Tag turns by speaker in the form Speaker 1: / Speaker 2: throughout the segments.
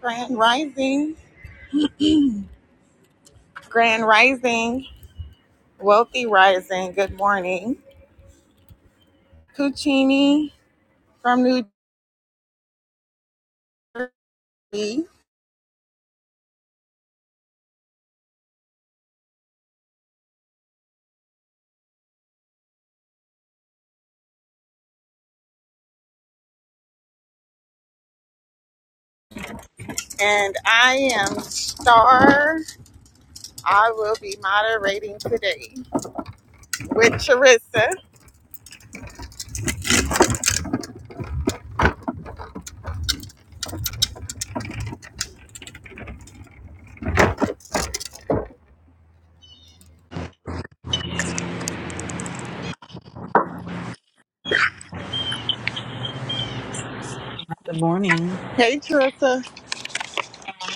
Speaker 1: Grand Rising. Grand Rising. Wealthy Rising. Good morning. Puccini from New Jersey. And I am Star. I will be moderating today with Charissa.
Speaker 2: Good morning.
Speaker 1: Hey, Charissa.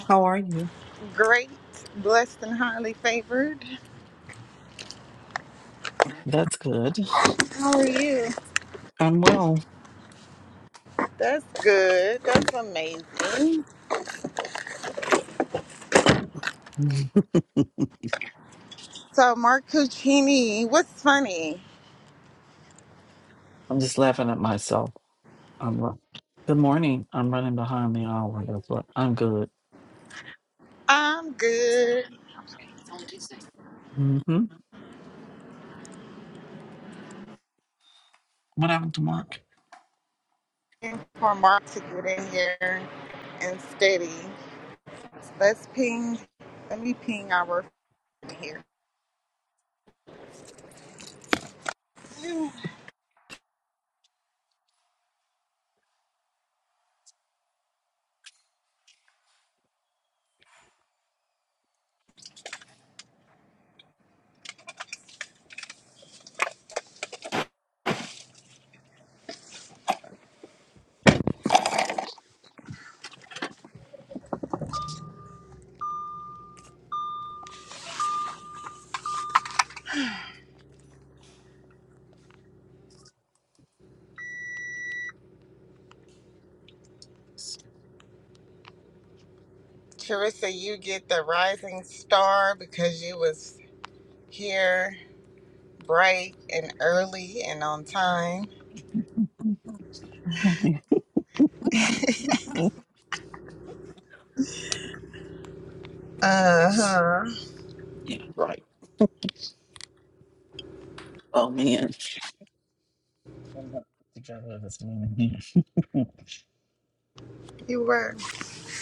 Speaker 2: How are you?
Speaker 1: Great, blessed, and highly favored.
Speaker 2: That's good.
Speaker 1: How are you?
Speaker 2: I'm well.
Speaker 1: That's good. That's amazing.
Speaker 2: I'm
Speaker 1: So, Mark Puccini, what's funny?
Speaker 2: just laughing at myself. I'm ru- good morning. I'm running behind the hour. That's what I'm good.
Speaker 1: I'm good.
Speaker 2: Mm-hmm. What happened to Mark?
Speaker 1: waiting for Mark to get in here and steady. Let's ping. Let me ping our friend here. Charissa, you get the rising star because you was here bright and early and on time.
Speaker 2: Thank you.
Speaker 1: Uh huh.
Speaker 2: Yeah. Oh man. I'm not together this morning. Mm,
Speaker 1: You were.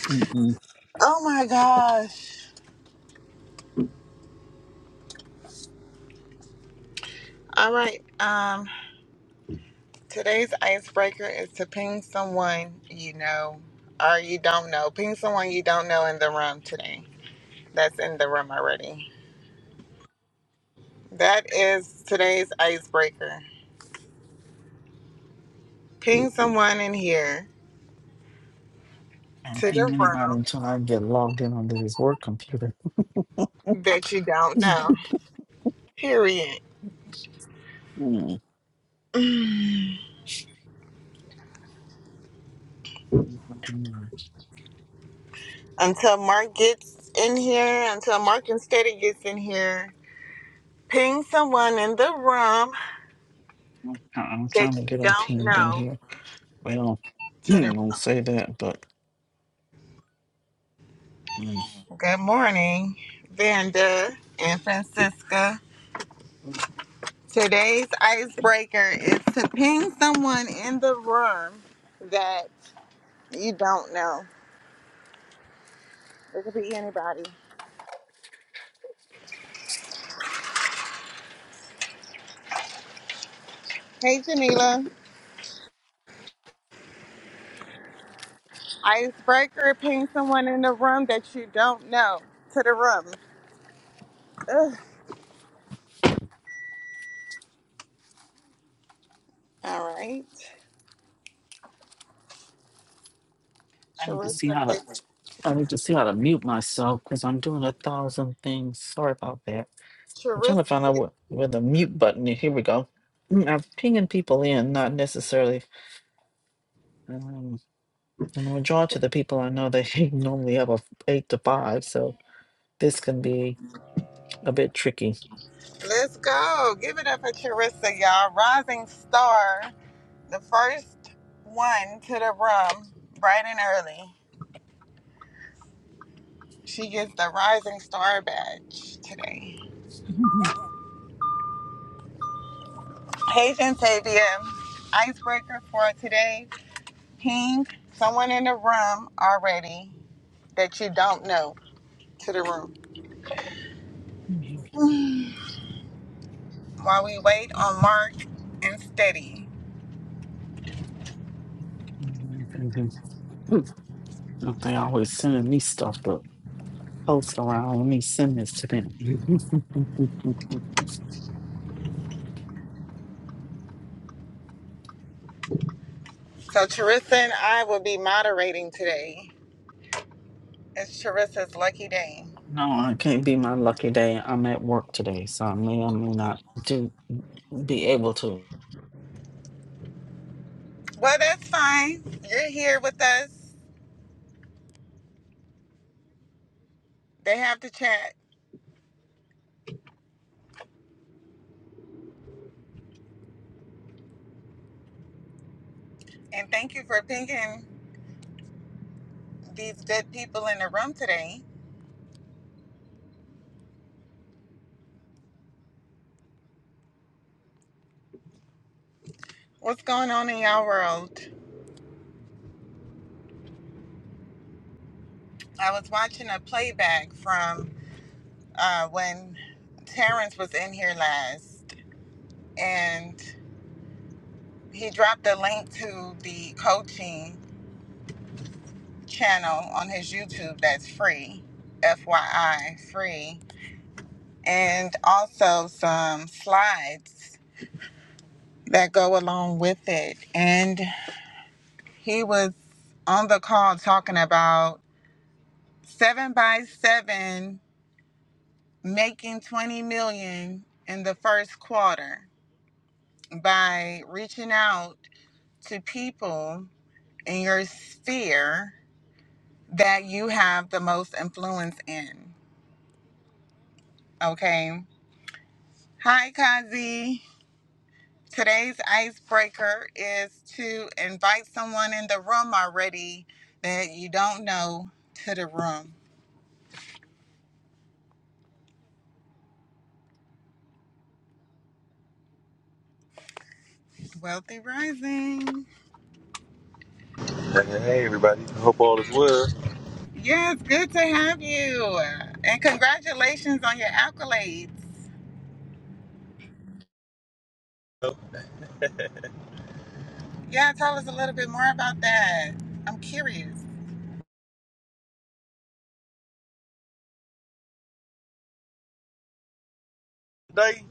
Speaker 2: mm, mm.
Speaker 1: Oh my gosh. All right. Um, today's icebreaker is to ping someone you know or you don't know. Ping someone you don't know in the room today. That's in the room already. That is today's icebreaker. Ping someone in here
Speaker 2: Can't
Speaker 1: to
Speaker 2: ping
Speaker 1: the
Speaker 2: anybody
Speaker 1: room
Speaker 2: until I get logged in onto his work computer.
Speaker 1: that you don't know. Period.
Speaker 2: Mm. Mm.
Speaker 1: Until Mark gets in here, until Mark and Steady gets in here, ping someone in the room
Speaker 2: I'm I'm trying
Speaker 1: that
Speaker 2: to
Speaker 1: you
Speaker 2: get him
Speaker 1: don't
Speaker 2: pinged in
Speaker 1: know.
Speaker 2: here. Well, I
Speaker 1: To the
Speaker 2: won't say that, but.
Speaker 1: good morning, Vanda and Francisca. Today's icebreaker is to ping someone in the room that you don't know. It could be anybody. Hey, Janila. Icebreaker, ping someone in the room that you don't know to the room. Ugh. All right.
Speaker 2: I need to see
Speaker 1: Charissa
Speaker 2: how to
Speaker 1: gets,
Speaker 2: I need to see how to mute myself because I'm doing a thousand things. Sorry about that. I'm trying
Speaker 1: Charissa
Speaker 2: to find out where,
Speaker 1: gets,
Speaker 2: where the mute button is. Here we go. Mm, I'm pinging people in, not necessarily. Um, and the majority of the people I know, they normally have a f- eight to five, so this can be a bit tricky.
Speaker 1: let's go. Give it up for Charissa, y'all. Rising star, the first one to the room, bright and early. She gets the Rising Star badge today. Paige and Tavia, icebreaker for today. Ping someone in the room already that you don't know to the room. while we wait on Mark and Steady.
Speaker 2: they always sending me stuff to post around? Let me send this to them.
Speaker 1: So Charissa and I will be moderating today. It's Charissa's lucky day.
Speaker 2: No, it can't be my lucky day. I'm at work today, so I may or may not do be able to.
Speaker 1: Well, that's fine. You're here with us. They have to chat. And thank you for pinging these good people in the room today. What's going on in y'all world? I was watching a playback from uh, when Terrence was in here last, and he dropped a link to the coaching channel on his YouTube that's free, FYI, free, and also some slides that go along with it. And he was on the call talking about seven by seven making 20 million in the first quarter by reaching out to people in your sphere that you have the most influence in. Okay. Hi, Kazi. Today's icebreaker is to invite someone in the room already that you don't know to the room. Wealthy Rising.
Speaker 3: Hey everybody, hope all is well.
Speaker 1: Yes, good to have you. And congratulations on your accolades. Yeah, tell us a little bit more about that. I'm curious.
Speaker 3: Today,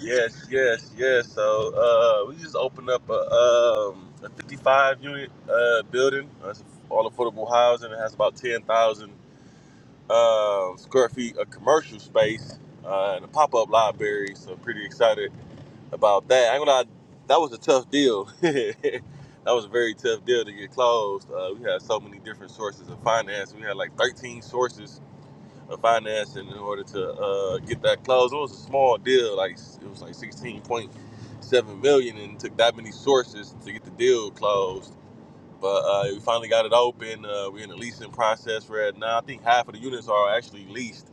Speaker 3: yes, yes, yes. So uh, we just opened up a, um, a 55 unit uh, building. That's all affordable housing. It has about 10,000 um, square feet of commercial space uh, and a pop up library. So pretty excited about that. I'm gonna lie, that was a tough deal. that was a very tough deal to get closed. Uh, we had so many different sources of finance. We had like 13 sources uh, financing in order to uh, get that closed. It was a small deal, like it was like sixteen point seven million, and it took that many sources to get the deal closed. But uh, we finally got it open. Uh, we're in the leasing process right now. I think half of the units are actually leased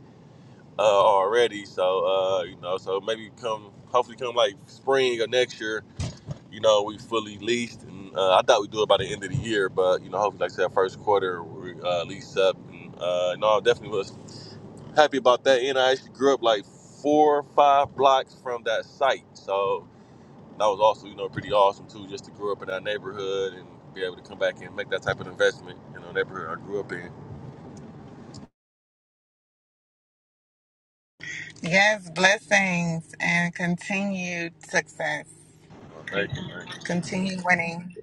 Speaker 3: uh, already. So uh, you know, so maybe come hopefully come like spring or next year. You know, we fully leased, and uh, I thought we'd do it by the end of the year. But you know, hopefully, like I said, first quarter we uh, lease up. And, uh, no, definitely was happy about that. And I actually grew up like four or five blocks from that site. So that was also, you know, pretty awesome too, just to grow up in our neighborhood and be able to come back and make that type of investment in the neighborhood I grew up in.
Speaker 1: Yes, blessings and continued success.
Speaker 3: So thank you, man.
Speaker 1: Continue winning.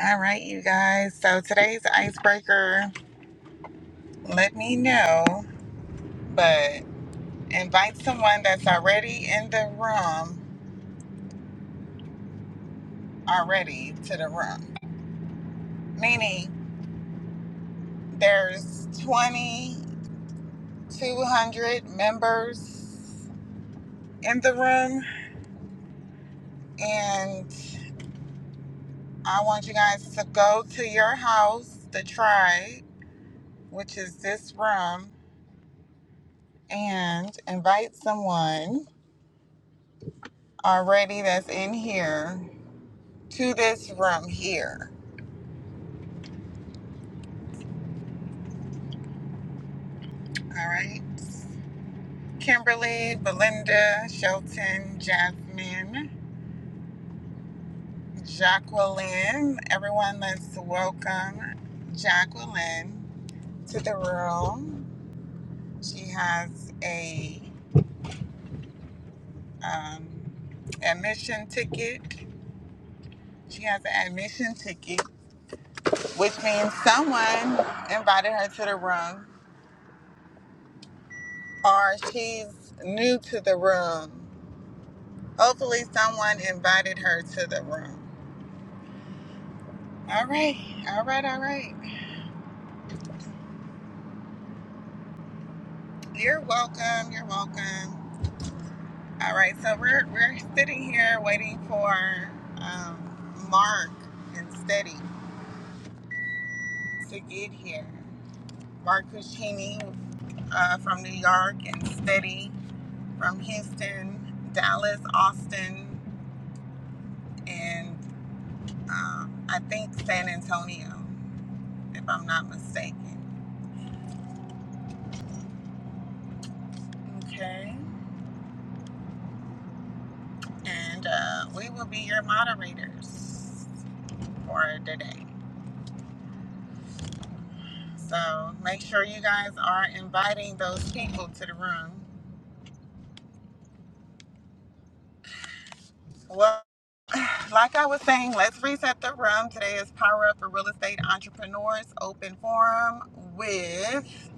Speaker 1: All right, you guys. So today's icebreaker, let me know. but. invite someone that's already in the room already to the room. Meaning there's 20 200 members in the room, and I want you guys to go to your house, the tribe, which is this room, and invite someone already that's in here to this room here. All right. Kimberly, Belinda, Shelton, Jasmine. Jacqueline, everyone, let's welcome Jacqueline to the room. She has a um, admission ticket. She has an admission ticket, which means someone invited her to the room, or she's new to the room. Hopefully, someone invited her to the room. All right, all right, all right. You're welcome. You're welcome. All right, so we're we're sitting here waiting for um, Mark and Steady to get here. Mark Cuccini uh, from New York and Steady from Houston, Dallas, Austin, and um, I think San Antonio, if I'm not mistaken. Okay, and uh, we will be your moderators for today. So make sure you guys are inviting those people to the room Well, like I was saying, let's reset the room. Today is Power Up for Real Estate Entrepreneurs Open Forum with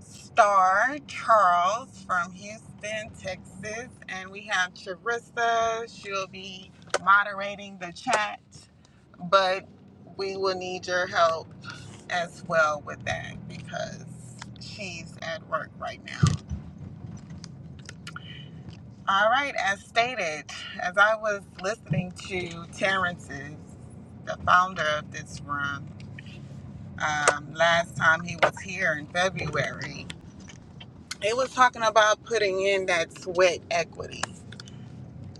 Speaker 1: Star Charles from Houston, Texas. And we have Charissa. She'll be moderating the chat, but we will need your help as well with that because she's at work right now. All right, as stated, as I was listening to Terrence's the founder of this room, um, last time he was here in February, it was talking about putting in that sweat equity.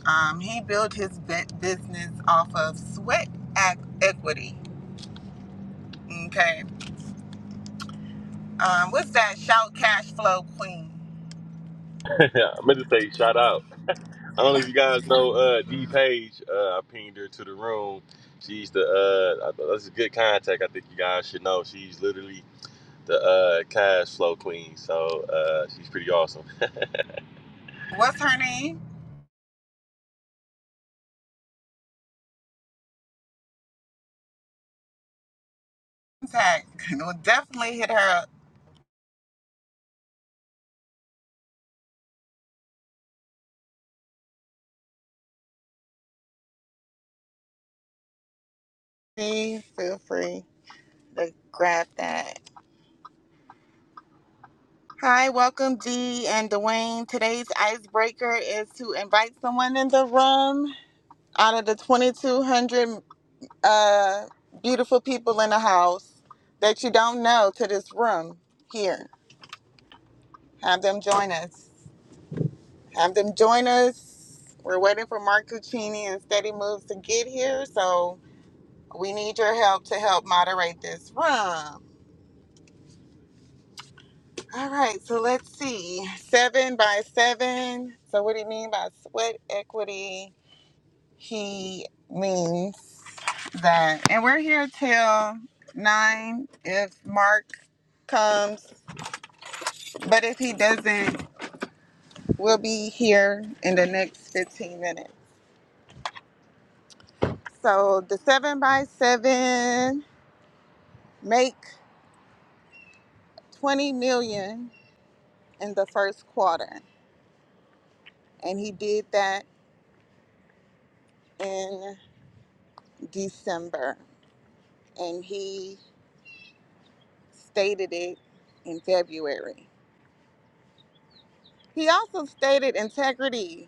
Speaker 1: Um, he built his bu- business off of sweat ac- equity. Okay. Um, what's that? Shout cash flow queen.
Speaker 3: Yeah, I meant to say shout out. I don't know if you guys know uh, D Page. Uh, I pinged her to the room. She's the uh, I- that's a good contact. I think you guys should know. She's literally the uh, cash flow queen. So uh, she's pretty awesome.
Speaker 1: What's her name? Contact. We'll definitely hit her up. Please feel free to grab that. Hi, welcome Dee and Dwayne. Today's icebreaker is to invite someone in the room out of the 2200 uh, beautiful people in the house that you don't know to this room here have them join us have them join us we're waiting for mark cuccini and steady moves to get here so we need your help to help moderate this room all right so let's see seven by seven so what do you mean by sweat equity He means that, and we're here till nine if Mark comes, but if he doesn't, we'll be here in the next 15 minutes. So the seven by seven make 20 million in the first quarter, and he did that in December, and he stated it in February. He also stated integrity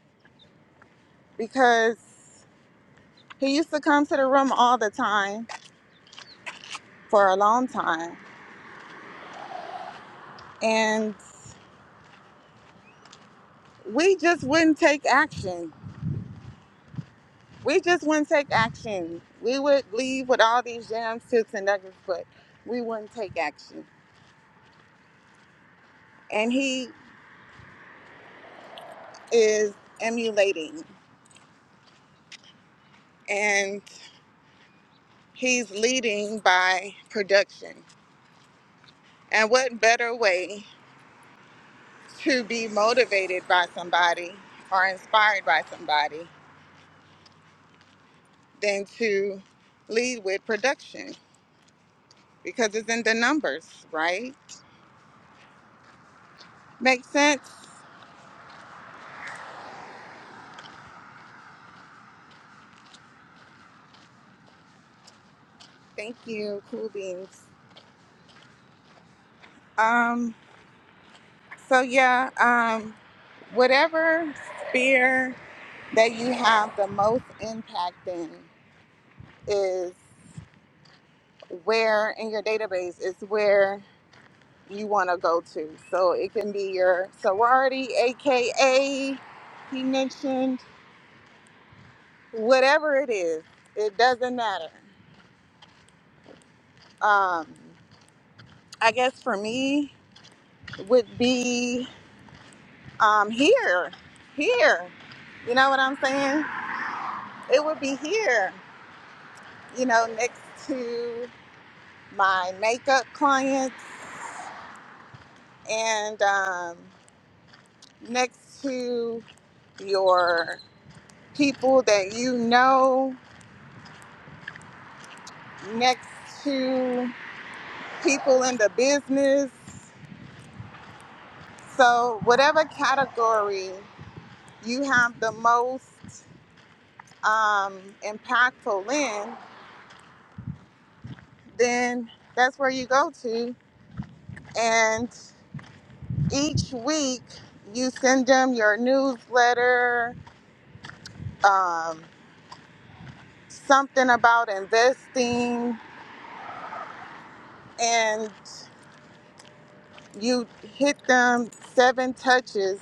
Speaker 1: because He used to come to the room all the time for a long time. And we just wouldn't take action. We just wouldn't take action. We would leave with all these jams, tips, and nuggets, but we wouldn't take action. And he is emulating and he's leading by production. And what better way to be motivated by somebody or inspired by somebody than to lead with production? because it's in the numbers, right? Makes sense. Thank you, cool beans. Um, so yeah, um, whatever sphere that you have the most impact in is where in your database is where you want to go to. So it can be your sorority, aka he mentioned, whatever it is, it doesn't matter. Um, I guess for me would be um, here, here. You know what I'm saying? It would be here, you know, next to my makeup clients and um, next to your people that you know, next to people in the business. So, whatever category you have the most um, impactful in, then that's where you go to. And each week you send them your newsletter, um, something about investing, and you hit them seven touches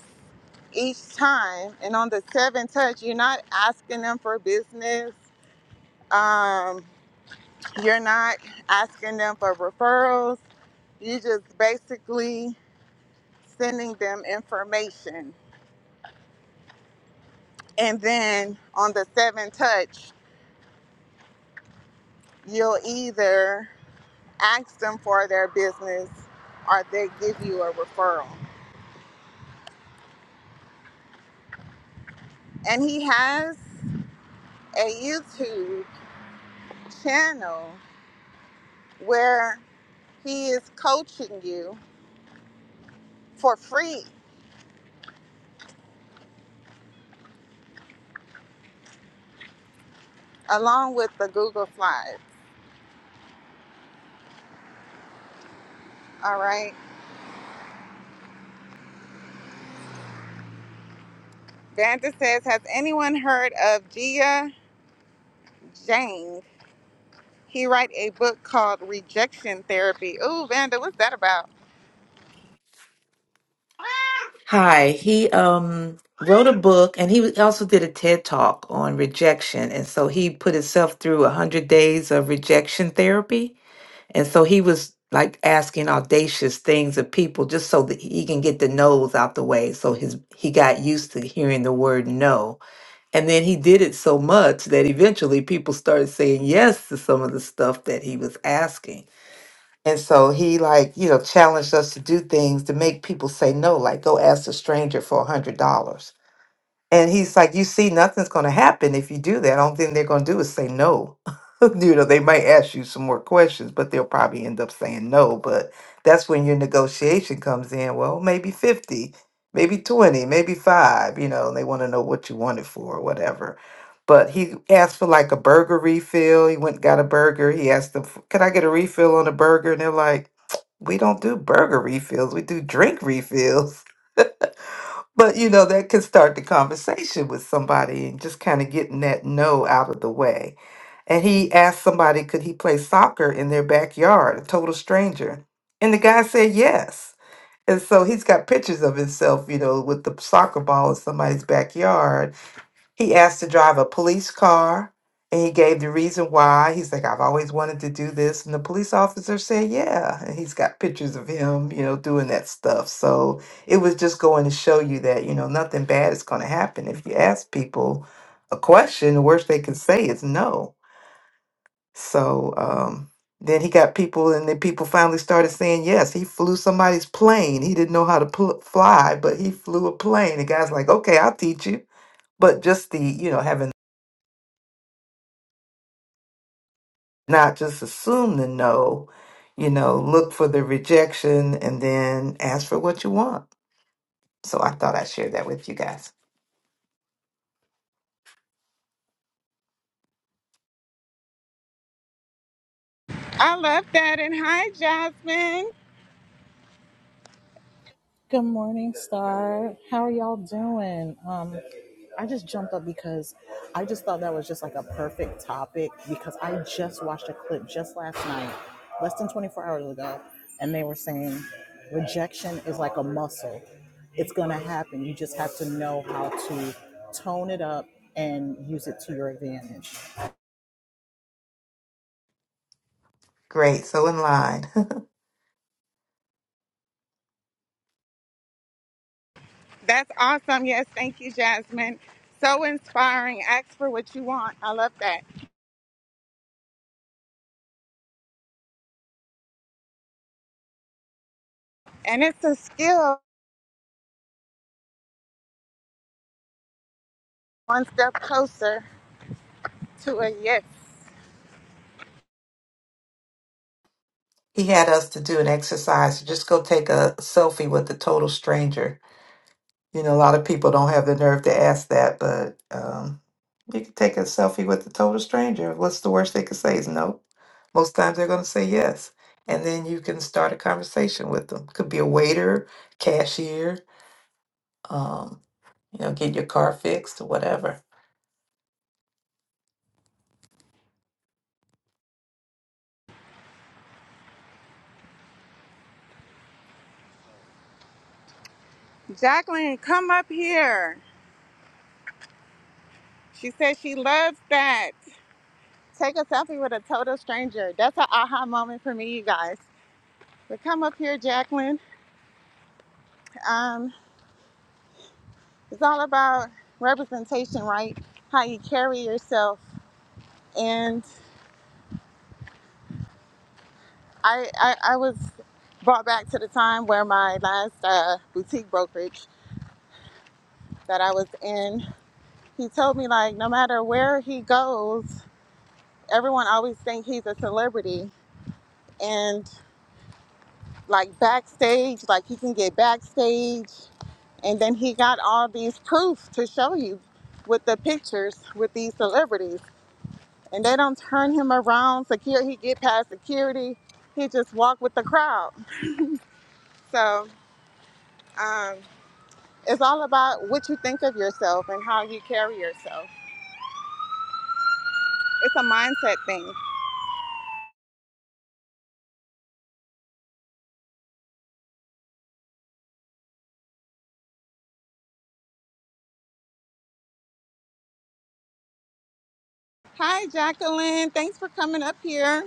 Speaker 1: each time. And on the seventh touch, you're not asking them for business, um, you're not asking them for referrals, you just basically sending them information. And then on the seventh touch, you'll either ask them for their business or they give you a referral. And he has a YouTube channel where he is coaching you for free along with the Google Slides. All right. Vanda says, Has anyone heard of Jia Zhang? He wrote a book called Rejection Therapy. Ooh, Vanda, what's that about?
Speaker 4: Hi, he um wrote a book and he also did a TED talk on rejection. And so he put himself through 100 days of rejection therapy. And so he was like asking audacious things of people just so that he can get the no's out the way. So his he got used to hearing the word no. And then he did it so much that eventually people started saying yes to some of the stuff that he was asking. And so he like, you know, challenged us to do things to make people say no, like go ask a stranger for a hundred dollars. And he's like, you see, nothing's going to happen if you do that. I don't think they're going to do is say no. you know, they might ask you some more questions, but they'll probably end up saying no. But that's when your negotiation comes in. Well, maybe 50, maybe 20, maybe five, you know, and they want to know what you want it for or whatever. But he asked for like a burger refill. He went and got a burger. He asked them, can I get a refill on a burger? And they're like, we don't do burger refills. We do drink refills. But you know, that could start the conversation with somebody and just kind of getting that no out of the way. And he asked somebody, could he play soccer in their backyard, a total stranger? And the guy said yes. And so he's got pictures of himself, you know, with the soccer ball in somebody's backyard. He asked to drive a police car and he gave the reason why. He's like, I've always wanted to do this. And the police officer said, Yeah. And he's got pictures of him, you know, doing that stuff. So it was just going to show you that, you know, nothing bad is going to happen. If you ask people a question, the worst they can say is no. So um, then he got people, and then people finally started saying, Yes, he flew somebody's plane. He didn't know how to pl- fly, but he flew a plane. The guy's like, Okay, I'll teach you but just the you know having not just assume the no, you know, look for the rejection and then ask for what you want. So I thought I'd share that with you guys.
Speaker 1: I love that. And hi, Jasmine.
Speaker 5: Good morning, Star. How are y'all doing? Um, I just jumped up because I just thought that was just like a perfect topic because I just watched a clip just last night, less than 24 hours ago, and they were saying rejection is like a muscle. It's going to happen. You just have to know how to tone it up and use it to your advantage.
Speaker 4: Great. So in line,
Speaker 1: That's awesome. Yes, thank you, Jasmine. So inspiring. Ask for what you want. I love that. And it's a skill one step closer to a yes.
Speaker 4: he had us to do an exercise. Just go take a selfie with a total stranger. You know, a lot of people don't have the nerve to ask that, but um, you can take a selfie with a total stranger. What's the worst they could say is no. Most times they're going to say yes. And then you can start a conversation with them. Could be a waiter, cashier, um, you know, get your car fixed or whatever.
Speaker 1: Jacqueline, come up here. She says she loves that. Take a selfie with a total stranger. That's an aha moment for me, you guys. But come up here, Jacqueline. Um, it's all about representation, right? How you carry yourself. and. I, I, I was brought back to the time where my last uh, boutique brokerage that I was in, he told me like no matter where he goes, everyone always thinks he's a celebrity and like backstage, like he can get backstage and then he got all these proof to show you with the pictures with these celebrities and they don't turn him around secure he get past security he just walk with the crowd so um, It's all about what you think of yourself and how you carry yourself. It's a mindset thing. Hi, Jacqueline. Thanks for coming up here.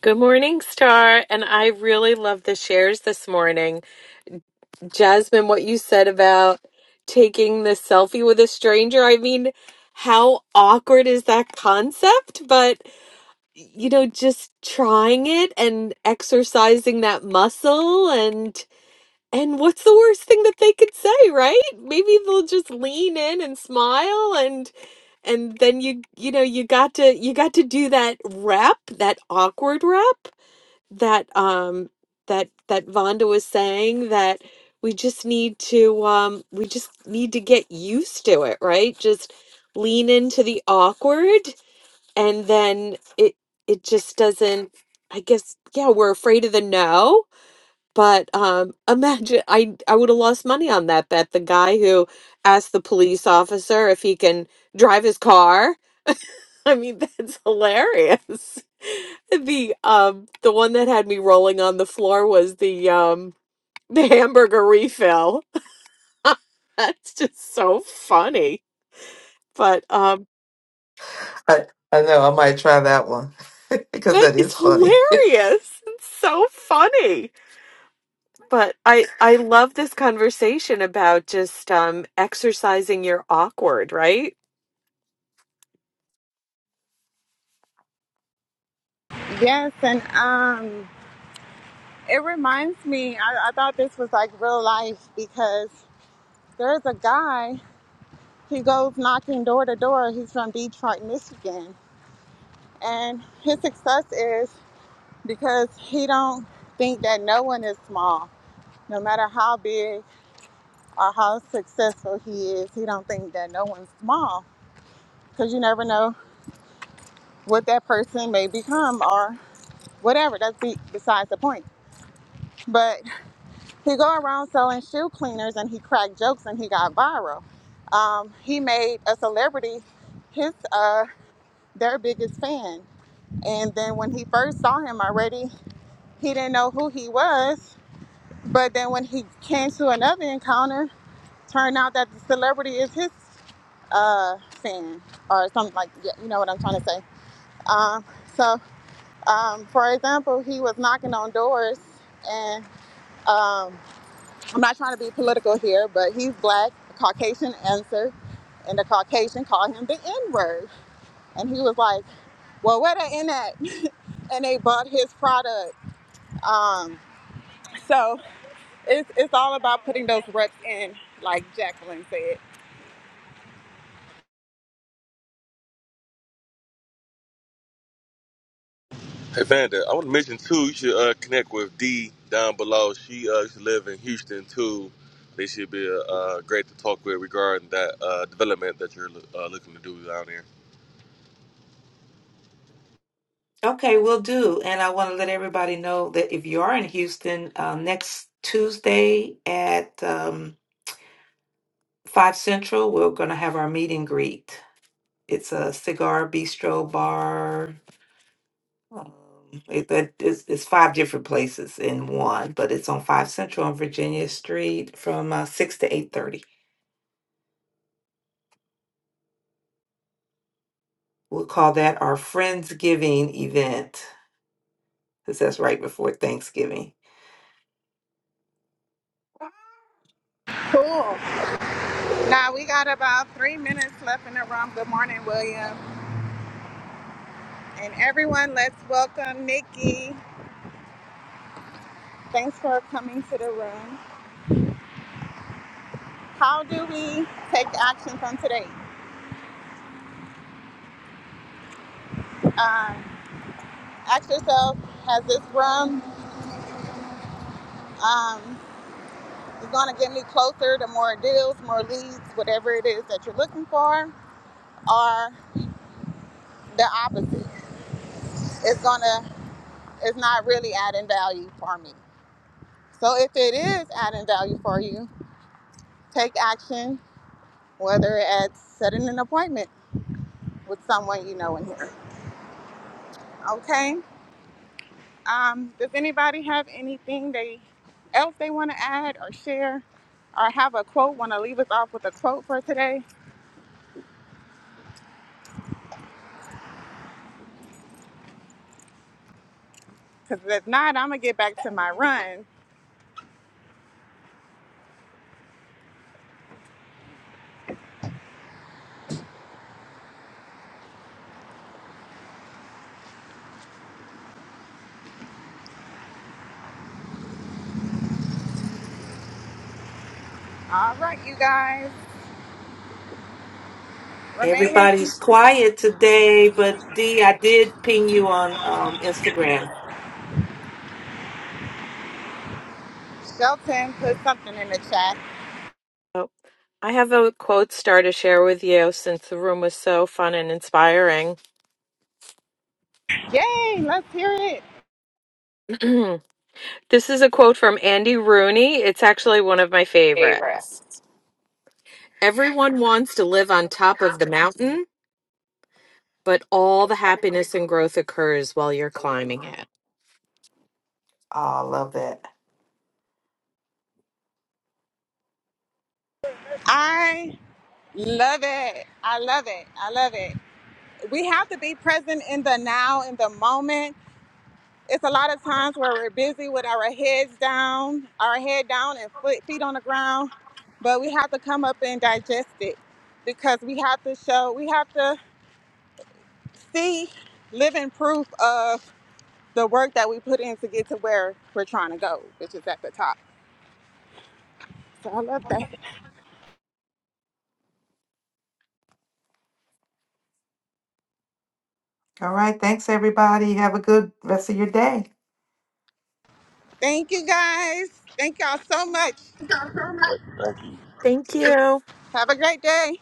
Speaker 6: Good morning, Star. And I really love the shares this morning. Jasmine, what you said about taking the selfie with a stranger, I mean, how awkward is that concept? But, you know, just trying it and exercising that muscle and. And what's the worst thing that they could say, right? Maybe they'll just lean in and smile and and then you you know you got to you got to do that rep, that awkward rep that um that that Vonda was saying that we just need to um we just need to get used to it, right? Just lean into the awkward and then it it just doesn't I guess yeah, we're afraid of the no, but um imagine I I would have lost money on that bet. The guy who asked the police officer if he can drive his car. I mean, that's hilarious. The um the one that had me rolling on the floor was the um the hamburger refill. That's just so funny. But um
Speaker 4: I, I know I might try that one because
Speaker 6: that
Speaker 4: that
Speaker 6: is
Speaker 4: is funny.
Speaker 6: hilarious. It's so funny. But I I love this conversation about just um exercising your awkward, right?
Speaker 1: Yes, and um, it reminds me, I, I thought this was like real life because there's a guy, he goes knocking door to door. He's from Detroit, Michigan. And his success is because he don't think that no one is small. No matter how big or how successful he is, he don't think that no one's small because you never know what that person may become or whatever. That's be- besides the point. But he go around selling shoe cleaners and he cracked jokes and he got viral. Um, he made a celebrity his uh, their biggest fan. And then when he first saw him already, he didn't know who he was. But then when he came to another encounter, turned out that the celebrity is his uh, fan or something like yeah, you know what I'm trying to say. Um, so Um, for example, he was knocking on doors, and um, I'm not trying to be political here, but he's black, Caucasian answer, and the Caucasian called him the N word. And he was like, Well, where the N at? and they bought his product. Um, so it's, it's all about putting those reps in, like Jacqueline said.
Speaker 3: Hey Vanda, I want to mention too. You should uh, connect with Dee down below. She uh, used to live in Houston too. They should be uh, uh, great to talk with regarding that uh, development that you're uh, looking to do down there.
Speaker 4: Okay, we'll do. And I want to let everybody know that if you are in Houston, uh, next Tuesday at um, 5 Central, we're going to have our meet and greet. It's a cigar bistro bar. Um, it, it- it's, it's five different places in one, but it's on 5 Central on Virginia Street from uh, 6 to 8.30. We'll call that our Friendsgiving event because that's right before Thanksgiving.
Speaker 1: Cool. Now we got about three minutes left in the room. Good morning, William. And everyone, let's welcome Nikki. Thanks for coming to the room. How do we take action from today? Um, ask yourself, has this room um, is going to get me closer to more deals, more leads, whatever it is that you're looking for, or the opposite? It's going to, it's not really adding value for me. So if it is adding value for you, take action, whether it's setting an appointment with someone you know in here. Okay? Um, does anybody have anything they else they want to add or share, or have a quote? Want to leave us off with a quote for today? Because if not, I'm gonna get back to my run. All right, you guys. Remaining
Speaker 4: Everybody's quiet today, but Dee, I did ping you on um, Instagram.
Speaker 1: Shelton put something in the chat.
Speaker 6: Oh. I have a quote star to share with you since the room was so fun and inspiring.
Speaker 1: Yay! Let's hear it.
Speaker 6: this is a quote from Andy Rooney. It's actually one of my favorites. Everyone wants to live on top of the mountain, but all the happiness and growth occurs while you're
Speaker 4: Oh,
Speaker 6: climbing it.
Speaker 4: I love that.
Speaker 1: I love it. I love it. I love it. We have to be present in the now, in the moment it's a lot of times where we're busy with our heads down, our head down and foot, feet on the ground, but we have to come up and digest it because we have to show, we have to see living proof of the work that we put in to get to where we're trying to go, which is at the top. So I love that.
Speaker 4: All right. Thanks, everybody. Have a good rest of your day.
Speaker 1: Thank you guys. Thank y'all so much.
Speaker 3: Thank you.
Speaker 6: Thank you.
Speaker 1: Have a great day.